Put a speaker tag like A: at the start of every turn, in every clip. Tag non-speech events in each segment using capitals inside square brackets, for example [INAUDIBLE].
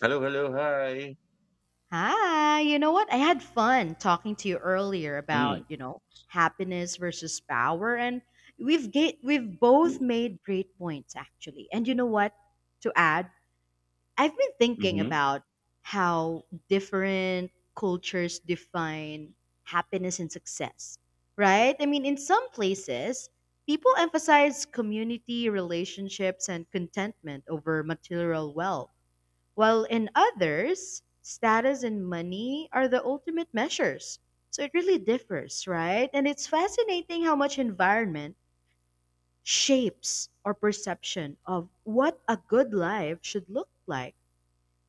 A: Hello, hello, hi.
B: Hi, you know what? I had fun talking to you earlier about,
A: Mm.
B: happiness versus power and we've both made great points actually. And you know what? To add, I've been thinking
A: Mm-hmm.
B: about how different cultures define happiness and success, right? I mean, in some places, people emphasize community, relationships and contentment over material wealth while in others, status and money are the ultimate measures. So it really differs, right? And it's fascinating how much environment shapes our perception of what a good life should look like.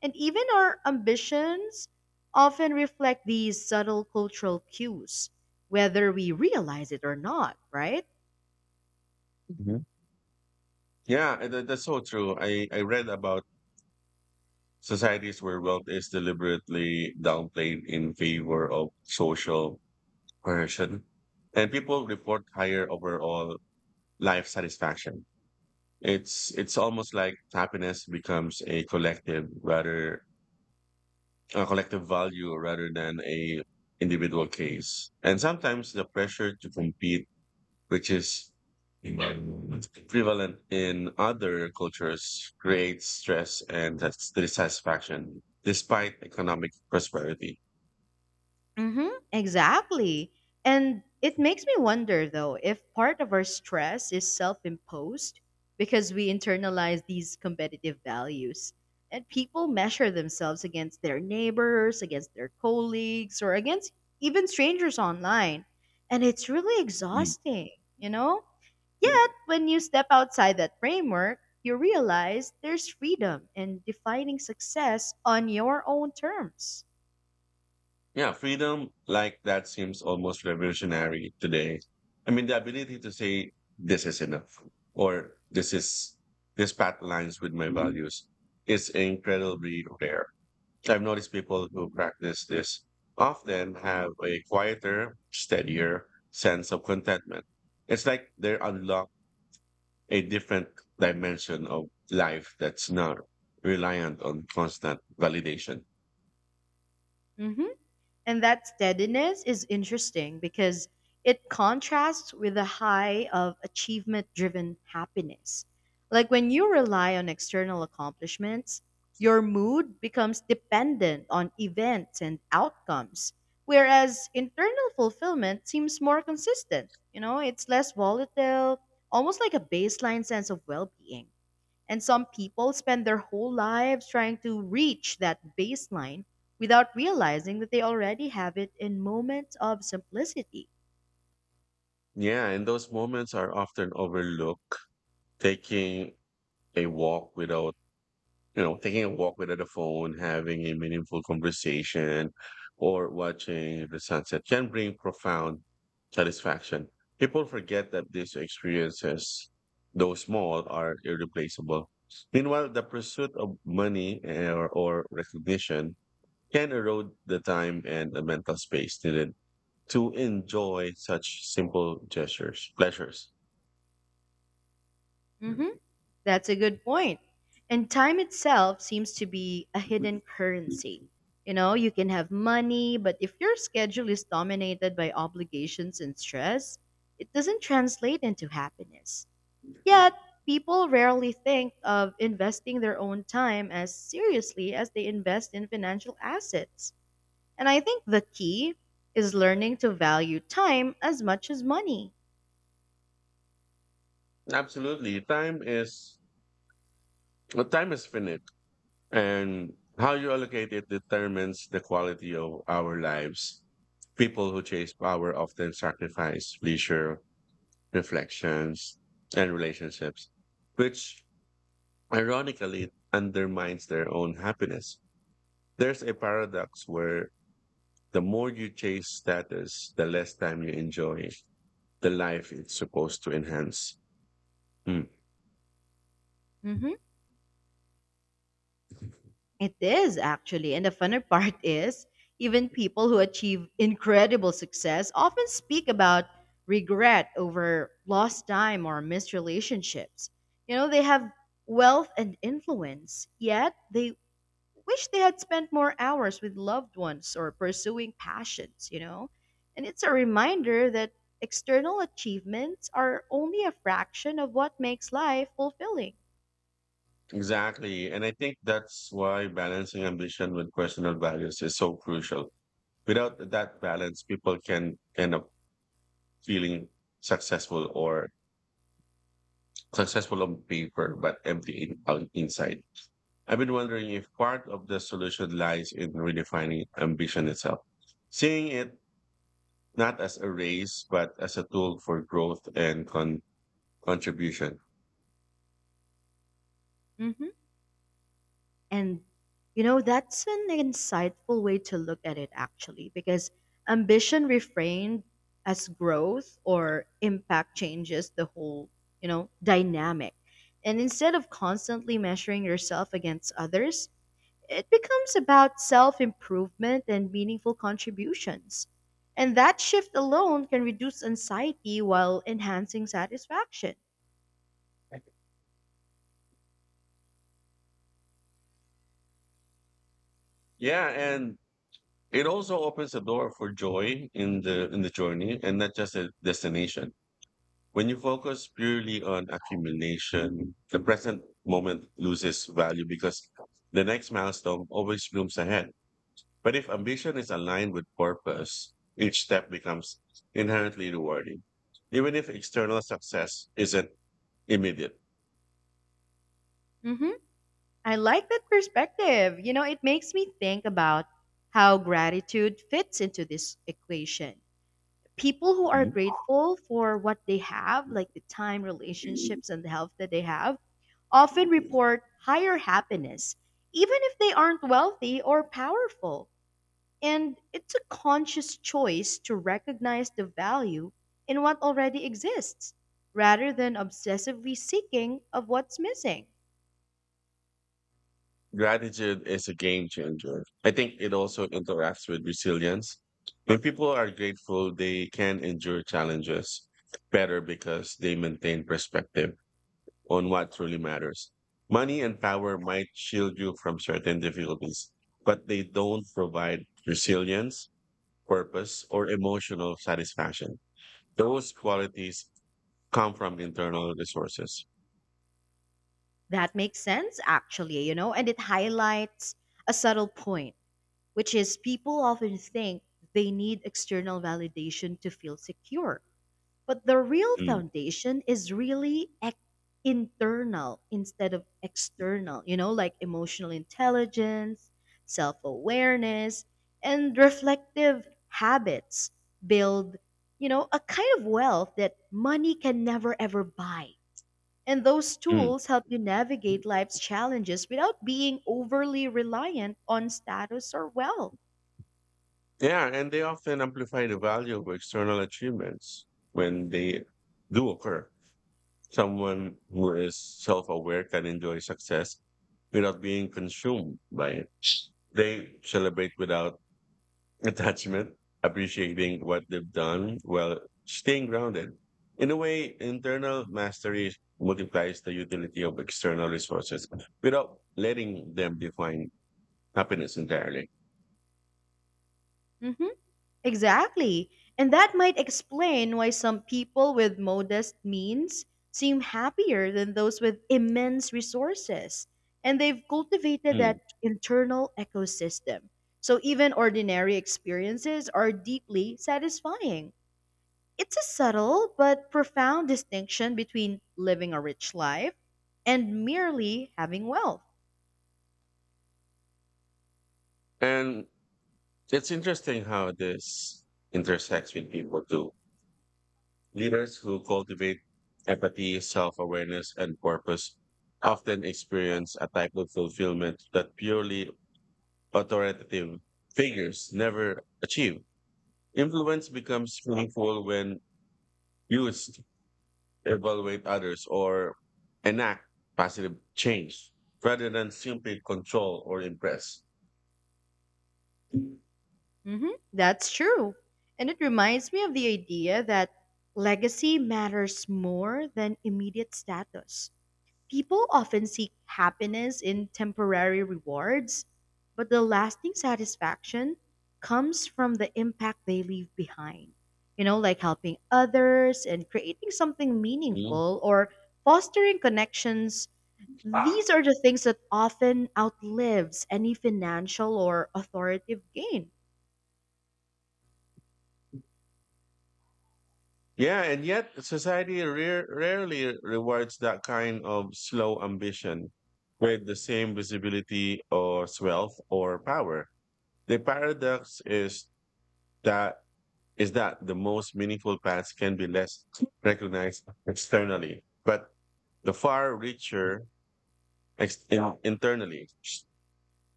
B: And even our ambitions often reflect these subtle cultural cues, whether we realize it or not, right?
A: Hmm. Yeah, and that's so true. I read about societies where wealth is deliberately downplayed in favor of social coercion, and people report higher overall life satisfaction. It's almost like happiness becomes a collective rather a collective value rather than a individual case. And sometimes the pressure to compete which is prevalent in other cultures, creates stress and dissatisfaction despite economic prosperity.
B: Mm-hmm, exactly. And it makes me wonder, though, if part of our stress is self imposed because we internalize these competitive values. And people measure themselves against their neighbors, against their colleagues, or against even strangers online. And it's really
A: Mm.
B: exhausting, you know? Yet, when you step outside that framework, you realize there's freedom in defining success on your own terms.
A: Yeah, freedom like that seems almost revolutionary today. I mean, the ability to say, this is enough, or this path aligns with my values is incredibly rare. So I've noticed people who practice this often have a quieter, steadier sense of contentment. It's like they unlock a different dimension of life that's not reliant on constant validation.
B: Mm-hmm. And that steadiness is interesting because it contrasts with the high of achievement driven happiness. Like when you rely on external accomplishments, your mood becomes dependent on events and outcomes, whereas internal fulfillment seems more consistent. It's less volatile, almost like a baseline sense of well being. And some people spend their whole lives trying to reach that baseline without realizing that they already have it in moments of simplicity.
A: Yeah, and those moments are often overlooked. Taking a walk without Taking a walk without a phone, having a meaningful conversation, or watching the sunset can bring profound satisfaction. People forget that these experiences, though small, are irreplaceable. Meanwhile, the pursuit of money or recognition can erode the time and the mental space needed to enjoy such simple gestures, pleasures.
B: hmm That's a good point. And time itself seems to be a hidden currency. You can have money, but if your schedule is dominated by obligations and stress, it doesn't translate into happiness. Yet, people rarely think of investing their own time as seriously as they invest in financial assets. And I think the key is learning to value time as much as money.
A: Absolutely. Time is finite. And how you allocate it determines the quality of our lives. People who chase power often sacrifice leisure, reflections, and relationships, which ironically undermines their own happiness. There's a paradox where the more you chase status, the less time you enjoy the life it's supposed to enhance. Hmm.
B: Mhm. It is actually. And the funner [LAUGHS] part is, even people who achieve incredible success often speak about regret over lost time or missed relationships. They have wealth and influence, yet they wish they had spent more hours with loved ones or pursuing passions, you know? And it's a reminder that external achievements are only a fraction of what makes life fulfilling.
A: Exactly. And I think that's why balancing ambition with personal values is so crucial without that balance, people can end up feeling successful or successful on paper but empty on inside. I've been wondering if part of the solution lies in redefining ambition itself, seeing it not as a race but as a tool for growth and contribution.
B: hmm And, that's an insightful way to look at it, actually, because ambition reframed as growth or impact changes the whole, dynamic. And instead of constantly measuring yourself against others, it becomes about self improvement and meaningful contributions. And that shift alone can reduce anxiety while enhancing satisfaction.
A: Yeah, and it also opens the door for joy in the journey and not just a destination. When you focus purely on accumulation, the present moment loses value because the next milestone always looms ahead. But if ambition is aligned with purpose, each step becomes inherently rewarding, even if external success isn't immediate.
B: hmm I like that perspective. It makes me think about how gratitude fits into this equation. People who are grateful for what they have, like the time, relationships, and the health that they have, often
A: Mhm.
B: report higher happiness, even if they aren't wealthy or powerful. And it's a conscious choice to recognize the value in what already exists rather than obsessively seeking of what's missing.
A: Gratitude is a game changer. I think it also interacts with resilience. When people are grateful, they can endure challenges better because they maintain perspective on what truly matters. Money and power might shield you from certain difficulties, but they don't provide resilience, purpose, or emotional satisfaction. Those qualities come from internal resources.
B: That makes sense, actually, and it highlights a subtle point, which is people often think they need external validation to feel secure. But the real
A: Mm.
B: foundation is really internal instead of external, like emotional intelligence, self awareness, and reflective habits build, a kind of wealth that money can never ever buy. And those
A: Mm.
B: tools help you navigate life's challenges without being overly reliant on status or wealth.
A: Yeah, and they often amplify the value of external achievements when they do occur. Someone who is self aware can enjoy success without being consumed by it. They celebrate without [LAUGHS] attachment, appreciating what they've done while staying grounded. In a way, internal mastery multiplies the utility of external resources without letting them define happiness entirely.
B: Mhm. Exactly. And that might explain why some people with modest means seem happier than those with immense resources. And they've cultivated
A: Hmm.
B: that internal ecosystem. So even ordinary experiences are deeply satisfying. It's a subtle but profound distinction between living a rich life and merely having wealth.
A: And it's interesting how this intersects with people too. Leaders who cultivate empathy, self awareness, and purpose often experience a type of fulfillment that purely authoritative figures never achieve. Influence becomes meaningful when used to evaluate others or enact positive change rather than simply control or impress.
B: That's true. And it reminds me of the idea that legacy matters more than immediate status. People often seek happiness in temporary rewards, but the lasting satisfaction comes from the impact they leave behind. Like helping others and creating something
A: Mhm.
B: meaningful or fostering connections. These are the things that often outlives any financial or authoritative gain.
A: Yeah, and yet society rarely rewards that kind of slow ambition with the same visibility or wealth or power. The paradox is that that the most meaningful paths can be less recognized externally, but the far richer Yeah, internally.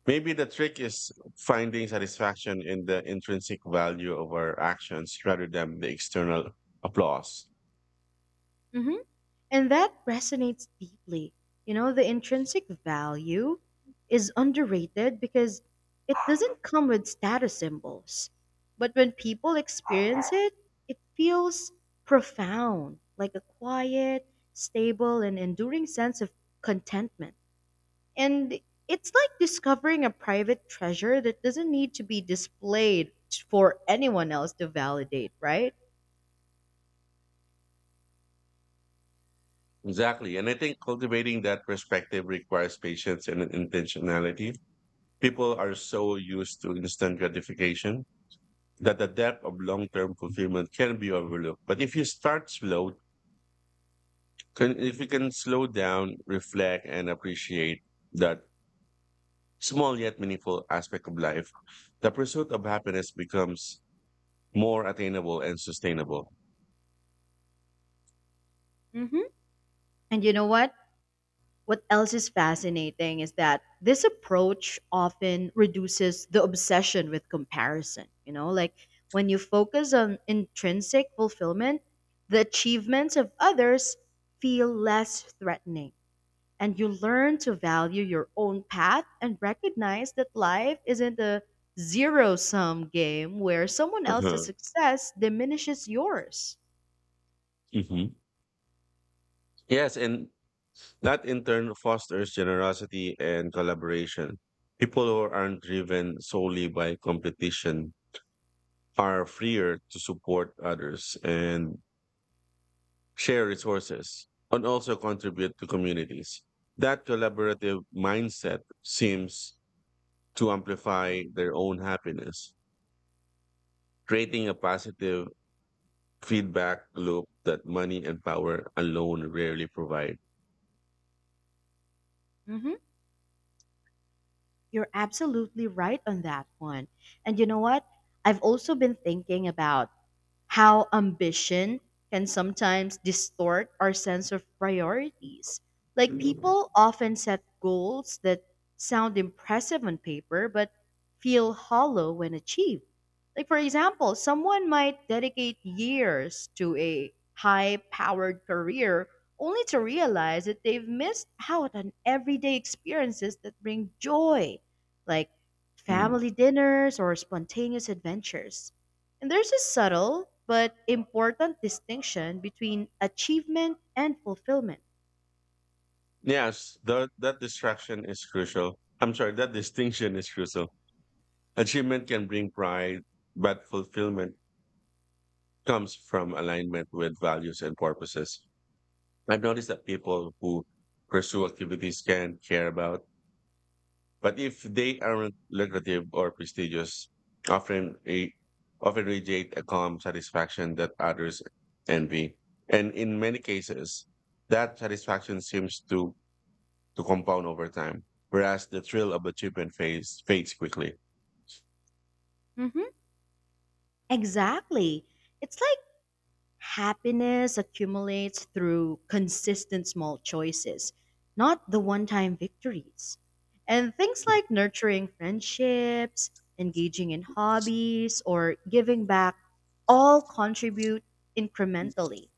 A: Maybe the trick is finding satisfaction in the intrinsic value of our actions rather than the external applause.
B: Mhm. And that resonates deeply. The intrinsic value is underrated because it doesn't come with status symbols. But when people experience it, it feels profound, like a quiet, stable, and enduring sense of contentment. And it's like discovering a private treasure that doesn't need to be displayed for anyone else to validate, right?
A: Exactly. And I think cultivating that perspective requires patience and intentionality. People are so used to instant gratification that the depth of long term fulfillment can be overlooked. But if you start slow, can, if you can slow down, reflect, and appreciate that small yet meaningful aspect of life, the pursuit of happiness becomes more attainable and sustainable.
B: hmm And you know what? What else is fascinating is that this approach often reduces the obsession with comparison. Like when you focus on intrinsic fulfillment, the achievements of others feel less threatening. And you learn to value your own path and recognize that life isn't a zero sum game where someone else's
A: Uh-huh.
B: success diminishes yours.
A: Mhm. Yes. And that in turn fosters generosity and collaboration. People who aren't driven solely by competition are freer to support others and share resources and also contribute to communities. That collaborative mindset seems to amplify their own happiness, creating a positive feedback loop that money and power alone rarely provide.
B: Mm-hmm. You're absolutely right on that one. And you know what? I've also been thinking about how ambition can sometimes distort our sense of priorities. Like people often set goals that sound impressive on paper but feel hollow when achieved. Like, for example, someone might dedicate years to a high powered career only to realize that they've missed out on everyday experiences that bring joy, like
A: Mm.
B: family dinners or spontaneous adventures. And there's a subtle but important distinction between achievement and fulfillment.
A: Yes, that that distraction is crucial. I'm sorry, that distinction is crucial. Achievement can bring pride, but fulfillment comes from alignment with values and purposes. I've noticed that people who pursue activities can care about, but if they aren't lucrative or prestigious, often a, often radiate a calm satisfaction that others envy. And in many cases, that satisfaction seems to compound over time, whereas the thrill of achievement fades quickly.
B: hmm Exactly. It's like happiness accumulates through consistent small choices, not the one time victories. And things like nurturing friendships, engaging in hobbies, or giving back all contribute incrementally.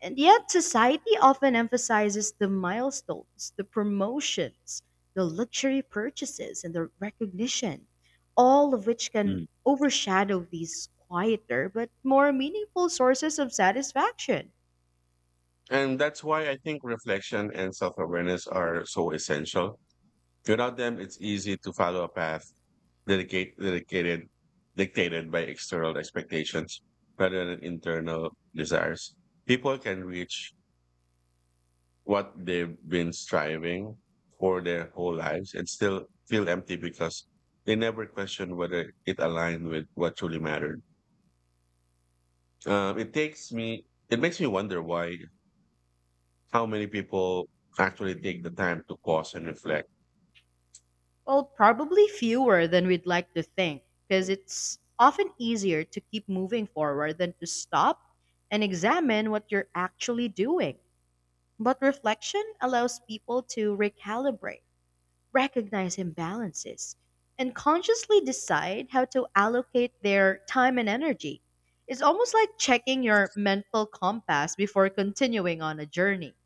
B: And yet, society often emphasizes the milestones, the promotions, the luxury purchases, and the recognition, all of which can
A: Mm.
B: overshadow these quieter but more meaningful sources of satisfaction.
A: And that's why I think reflection and self awareness are so essential. Without them, it's easy to follow a path dedicate, dedicated, dictated by external expectations rather than internal desires. People can reach what they've been striving for their whole lives and still feel empty because they never question whether it aligned with what truly mattered. It makes me wonder how many people actually take the time to pause and reflect.
B: Well, probably fewer than we'd like to think, because it's often easier to keep moving forward than to stop and examine what you're actually doing. But reflection allows people to recalibrate, recognize imbalances, and consciously decide how to allocate their time and energy. It's almost like checking your mental compass before continuing on a journey.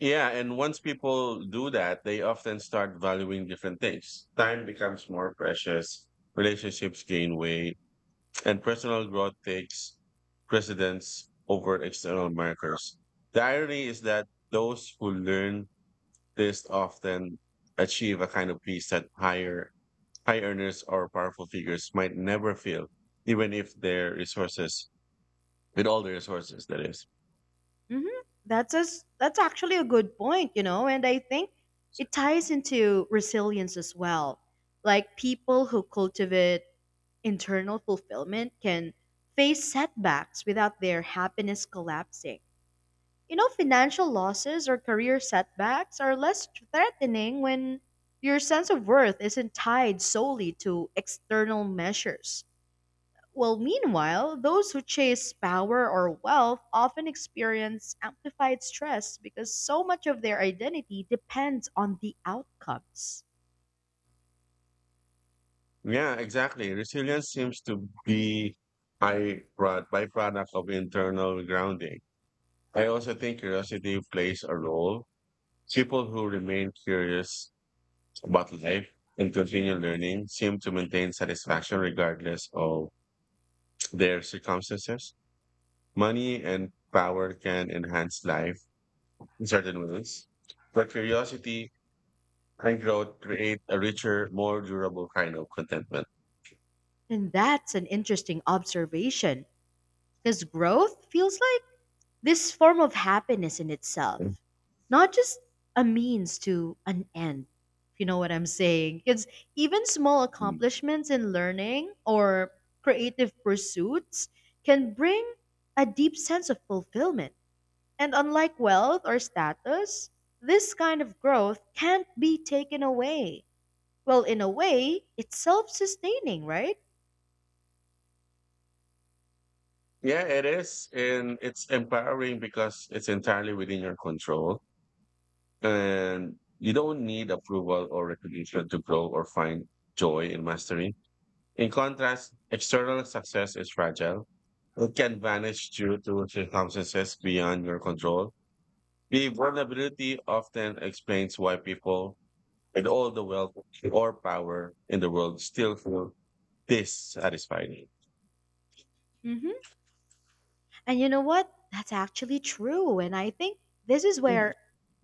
A: Yeah, and once people do that, they often start valuing different things. Time becomes more precious, relationships gain weight, and personal growth takes precedence over external markers. The irony is that those who learn this often achieve a kind of peace that high earners or powerful figures might never feel, even if their resources, with all the resources, that is.
B: That's actually a good point, and I think it ties into resilience as well. Like people who cultivate internal fulfillment can face setbacks without their happiness collapsing. Financial losses or career setbacks are less threatening when your sense of worth isn't tied solely to external measures. Well, meanwhile, those who chase power or wealth often experience amplified stress because so much of their identity depends on the outcomes.
A: Yeah, exactly. Resilience seems to be a byproduct of internal grounding. I also think curiosity plays a role. People who remain curious about life and continue learning seem to maintain satisfaction regardless of their circumstances. Money and power can enhance life in certain ways, but curiosity and growth create a richer, more durable kind of contentment.
B: And that's an interesting observation because growth feels like this form of happiness in itself, not just a means to an end. If you know what I'm saying? Because even small
A: Mm.
B: accomplishments in learning or creative pursuits can bring a deep sense of fulfillment. And unlike wealth or status, this kind of growth can't be taken away. Well, in a way, it's self sustaining, right?
A: Yeah, it is. And it's empowering because it's entirely within your control. And you don't need approval or recognition to grow or find joy in mastery. In contrast, external success is fragile. It can vanish due to circumstances beyond your control. The vulnerability often explains why people with all the wealth or power in the world still feel dissatisfied.
B: hmm And you know what? That's actually true. And I think this is where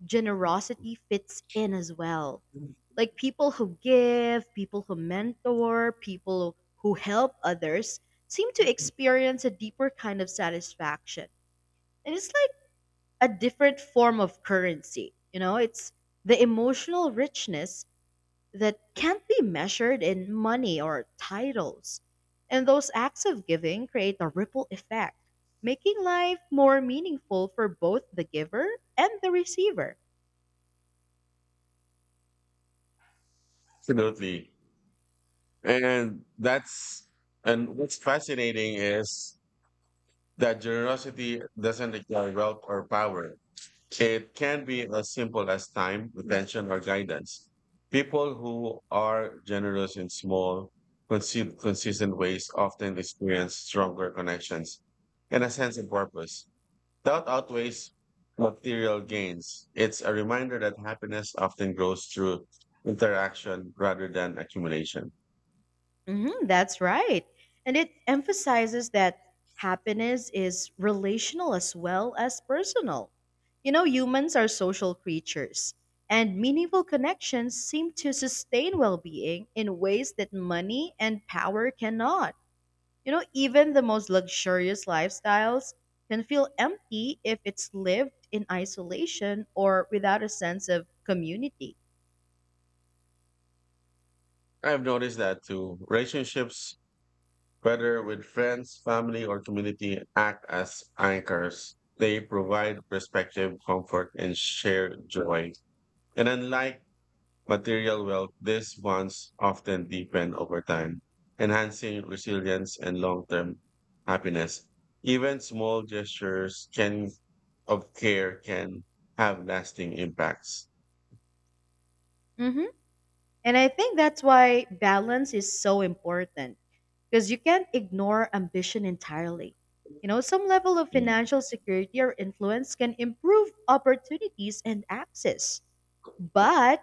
B: generosity fits in as well. Like people who give, people who mentor, people who help others seem to experience a deeper kind of satisfaction. And it's like a different form of currency. It's the emotional richness that can't be measured in money or titles. And those acts of giving create a ripple effect, making life more meaningful for both the giver and the receiver.
A: Absolutely. And that's and what's fascinating is that generosity doesn't require wealth or power. It can be as simple as time, attention, or guidance. People who are generous in small, consistent ways often experience stronger connections and a sense of purpose. That outweighs material gains. It's a reminder that happiness often grows through interaction rather than accumulation.
B: That's right. And it emphasizes that happiness is relational as well as personal. Humans are social creatures, and meaningful connections seem to sustain well being in ways that money and power cannot. Even the most luxurious lifestyles can feel empty if it's lived in isolation or without a sense of community.
A: I've noticed that too. Relationships, whether with friends, family, or community, act as anchors. They provide perspective, comfort, and shared joy. And unlike material wealth, these ones often deepen over time, enhancing resilience and long term happiness. Even of care can have lasting impacts.
B: hmm And I think that's why balance is so important because you can't ignore ambition entirely. Some level of financial security or influence can improve opportunities and access, but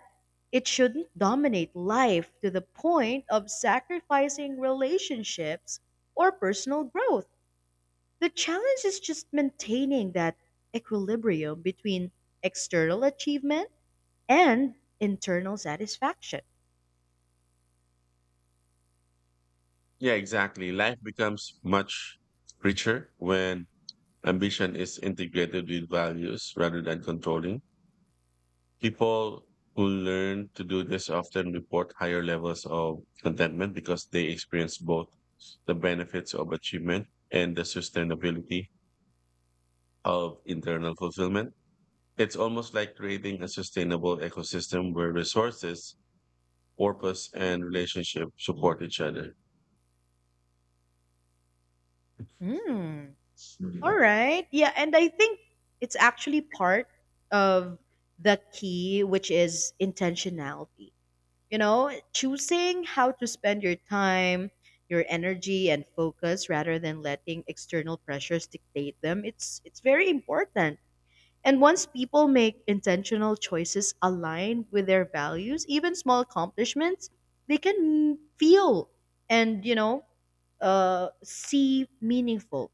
B: it shouldn't dominate life to the point of sacrificing relationships or personal growth. The challenge is just maintaining that equilibrium between external achievement and internal satisfaction.
A: Yeah, exactly. Life becomes much richer when ambition is integrated with values rather than controlling. People who learn to do this often report higher levels of contentment because they experience both the benefits of achievement and the sustainability of internal fulfillment. It's almost like creating a sustainable ecosystem where resources, purpose, and relationship support each other.
B: Hmm. All right. Yeah, and I think it's actually part of the key, which is intentionality. Choosing how to spend your time, your energy, and focus rather than letting external pressures dictate them. It's very important. And once people make intentional choices aligned with their values, even small accomplishments, they can feel and, see meaningful.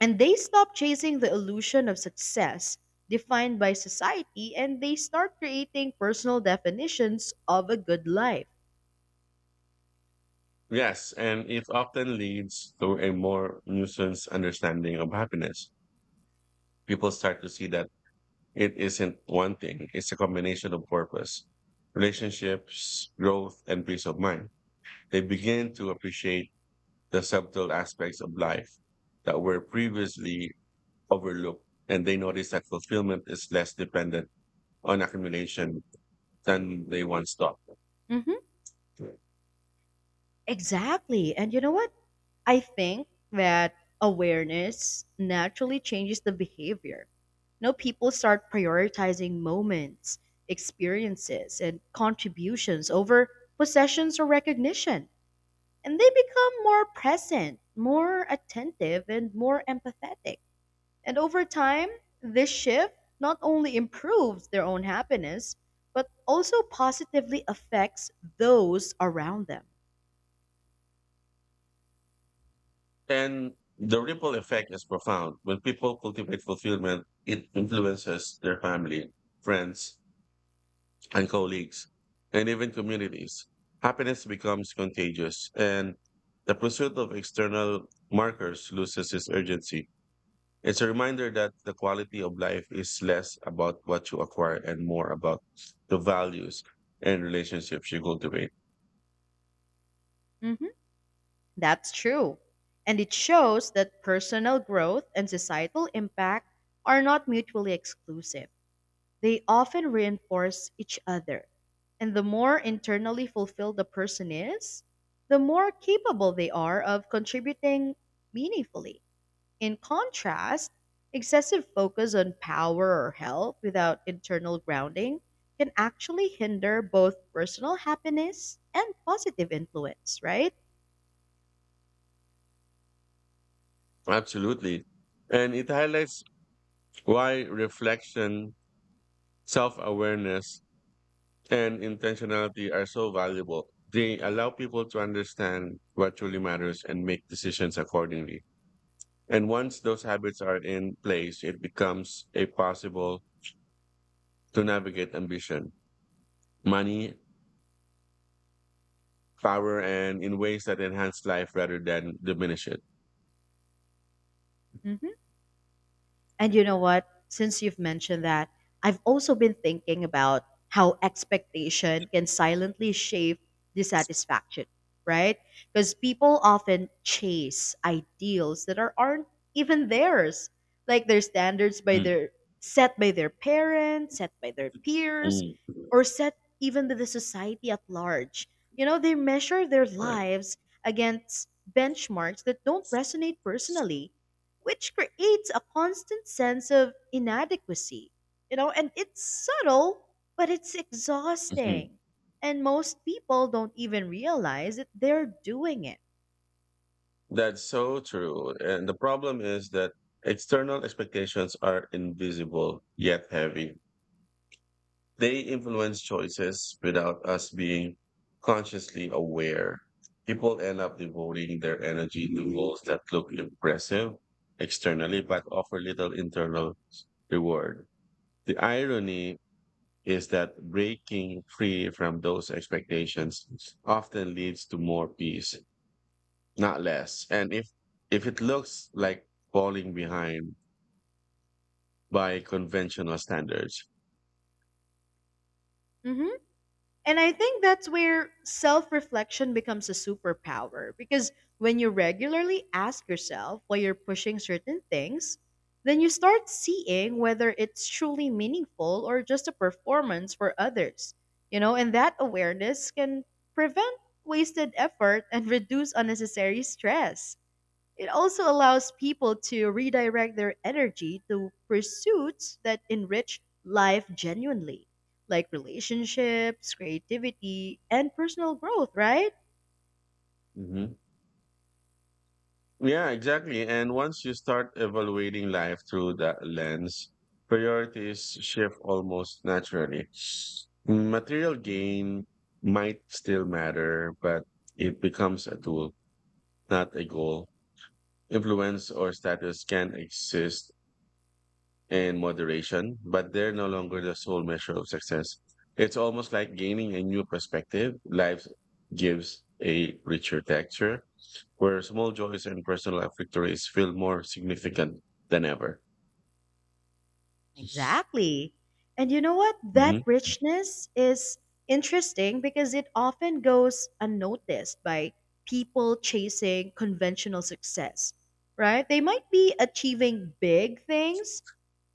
B: And they stop chasing the illusion of success defined by society and they start creating personal definitions of a good life.
A: Yes, and it often leads to a more nuanced understanding of happiness. People start to see that it isn't one thing, it's a combination of purpose, relationships, growth, and peace of mind. They begin to appreciate the subtle aspects of life that were previously overlooked, and they notice that fulfillment is less dependent on accumulation than they once thought.
B: hmm Exactly. And you know what? I think that awareness naturally changes the behavior. People start prioritizing moments, experiences, and contributions over possessions or recognition. And they become more present, more attentive, and more empathetic. And over time, this shift not only improves their own happiness, but also positively affects those around them.
A: And the ripple effect is profound. When people cultivate fulfillment, it influences their family, friends, and colleagues, and even communities. Happiness becomes contagious, and the pursuit of external markers loses its urgency. It's a reminder that the quality of life is less about what you acquire and more about the values and relationships you cultivate.
B: Mhm. That's true. And it shows that personal growth and societal impact are not mutually exclusive. They often reinforce each other. And the more internally fulfilled the person is, the more capable they are of contributing meaningfully. In contrast, excessive focus on power or health without internal grounding can actually hinder both personal happiness and positive influence, right?
A: Absolutely. And it highlights why reflection, self awareness, and intentionality are so valuable. They allow people to understand what truly matters and make decisions accordingly. And once those habits are in place, it becomes a possible to navigate ambition, money, power, and in ways that enhance life rather than diminish it.
B: Mhm. And you know what? Since you've mentioned that, I've also been thinking about how expectation can silently shape dissatisfaction, right? Because people often chase ideals that aren't even theirs, like their standards by
A: Mm,
B: their set by their parents, set by their peers,
A: mm,
B: or set even by the society at large. They measure their
A: right,
B: lives against benchmarks that don't resonate personally which creates a constant sense of inadequacy. And it's subtle, but it's
A: mhm.
B: exhausting. And most people don't even realize that they're doing it.
A: That's so true. And the problem is that external expectations are invisible yet heavy. They influence choices without us being consciously aware. People end up devoting their energy to goals that look impressive externally but offer little internal reward. The irony is that breaking free from those expectations often leads to more peace, not less. And if it looks like falling behind by conventional standards.
B: Mhm. And I think that's where self reflection becomes a superpower because when you regularly ask yourself why you're pushing certain things, then you start seeing whether it's truly meaningful or just a performance for others. And that awareness can prevent wasted effort and reduce unnecessary stress. It also allows people to redirect their energy to pursuits that enrich life genuinely, like relationships, creativity, and personal growth, right?
A: Mhm. Yeah, exactly. And once you start evaluating life through that lens, priorities shift almost naturally. Material gain might still matter, but it becomes a tool, not a goal. Influence or status can exist and moderation, but they're no longer the sole measure of success. It's almost like gaining a new perspective. Life gives a richer texture, where small joys and personal victories feel more significant than ever.
B: Exactly. And you know what? That
A: Hmm.
B: richness is interesting because it often goes unnoticed by people chasing conventional success, right? They might be achieving big things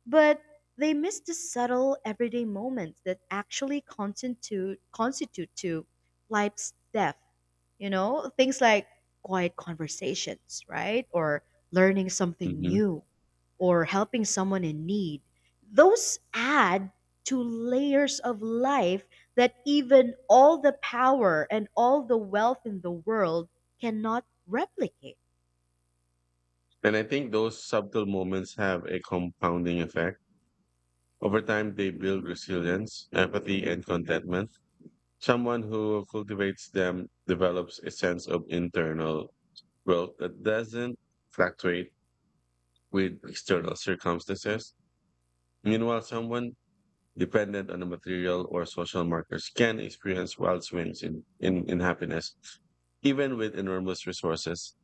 B: but they miss the subtle everyday moments that actually constitute to life's depth. Things like quiet conversations, right, or learning something
A: Hmm.
B: new, or helping someone in need. Those add to layers of life that even all the power and all the wealth in the world cannot replicate.
A: And I think those subtle moments have a compounding effect. Over time, they build resilience, empathy, and contentment. Someone who cultivates them develops a sense of internal growth that doesn't fluctuate with external circumstances. Meanwhile, someone dependent on the material or social markers can experience wild swings in happiness, even with enormous resources.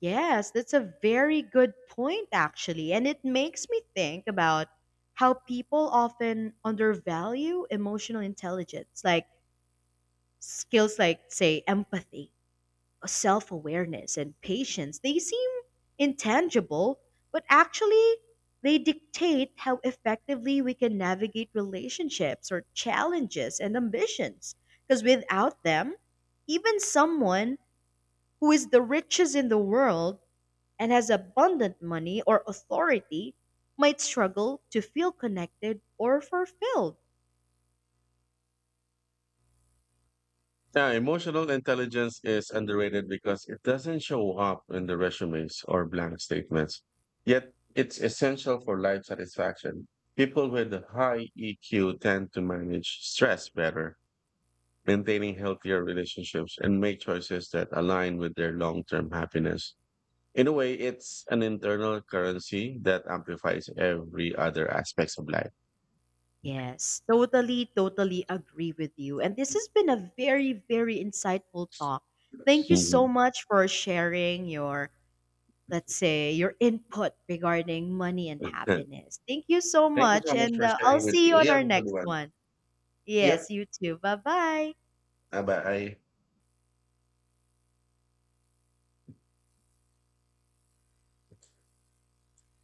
B: Yes, that's a very good point, actually. And it makes me think about how people often undervalue emotional intelligence, like skills like, say, empathy, self awareness, and patience. They seem intangible, but actually, they dictate how effectively we can navigate relationships or challenges and ambitions. Because without them, even someone who is the richest in the world and has abundant money or authority might struggle to feel connected or fulfilled.
A: Yeah, emotional intelligence is underrated because it doesn't show up in the resumes or blank statements. Yet, it's essential for life satisfaction. People with a high EQ tend to manage stress better, maintaining healthier relationships, and make choices that align with their long term happiness. In a way, it's an internal currency that amplifies every other aspects of life.
B: Yes, totally, totally agree with you. And this has been a very, very insightful talk. Thank you so
A: Hmm.
B: much for sharing your, let's say, your input regarding money and
A: [LAUGHS]
B: happiness. Thank you so
A: Thank you so
B: much.
A: much
B: And
A: for
B: I'll
A: sharing with
B: see you
A: me. You
B: on
A: have
B: our
A: a good
B: next
A: one.
B: one.
A: Yep.
B: Yes, you too. Bye bye.
A: Bye bye.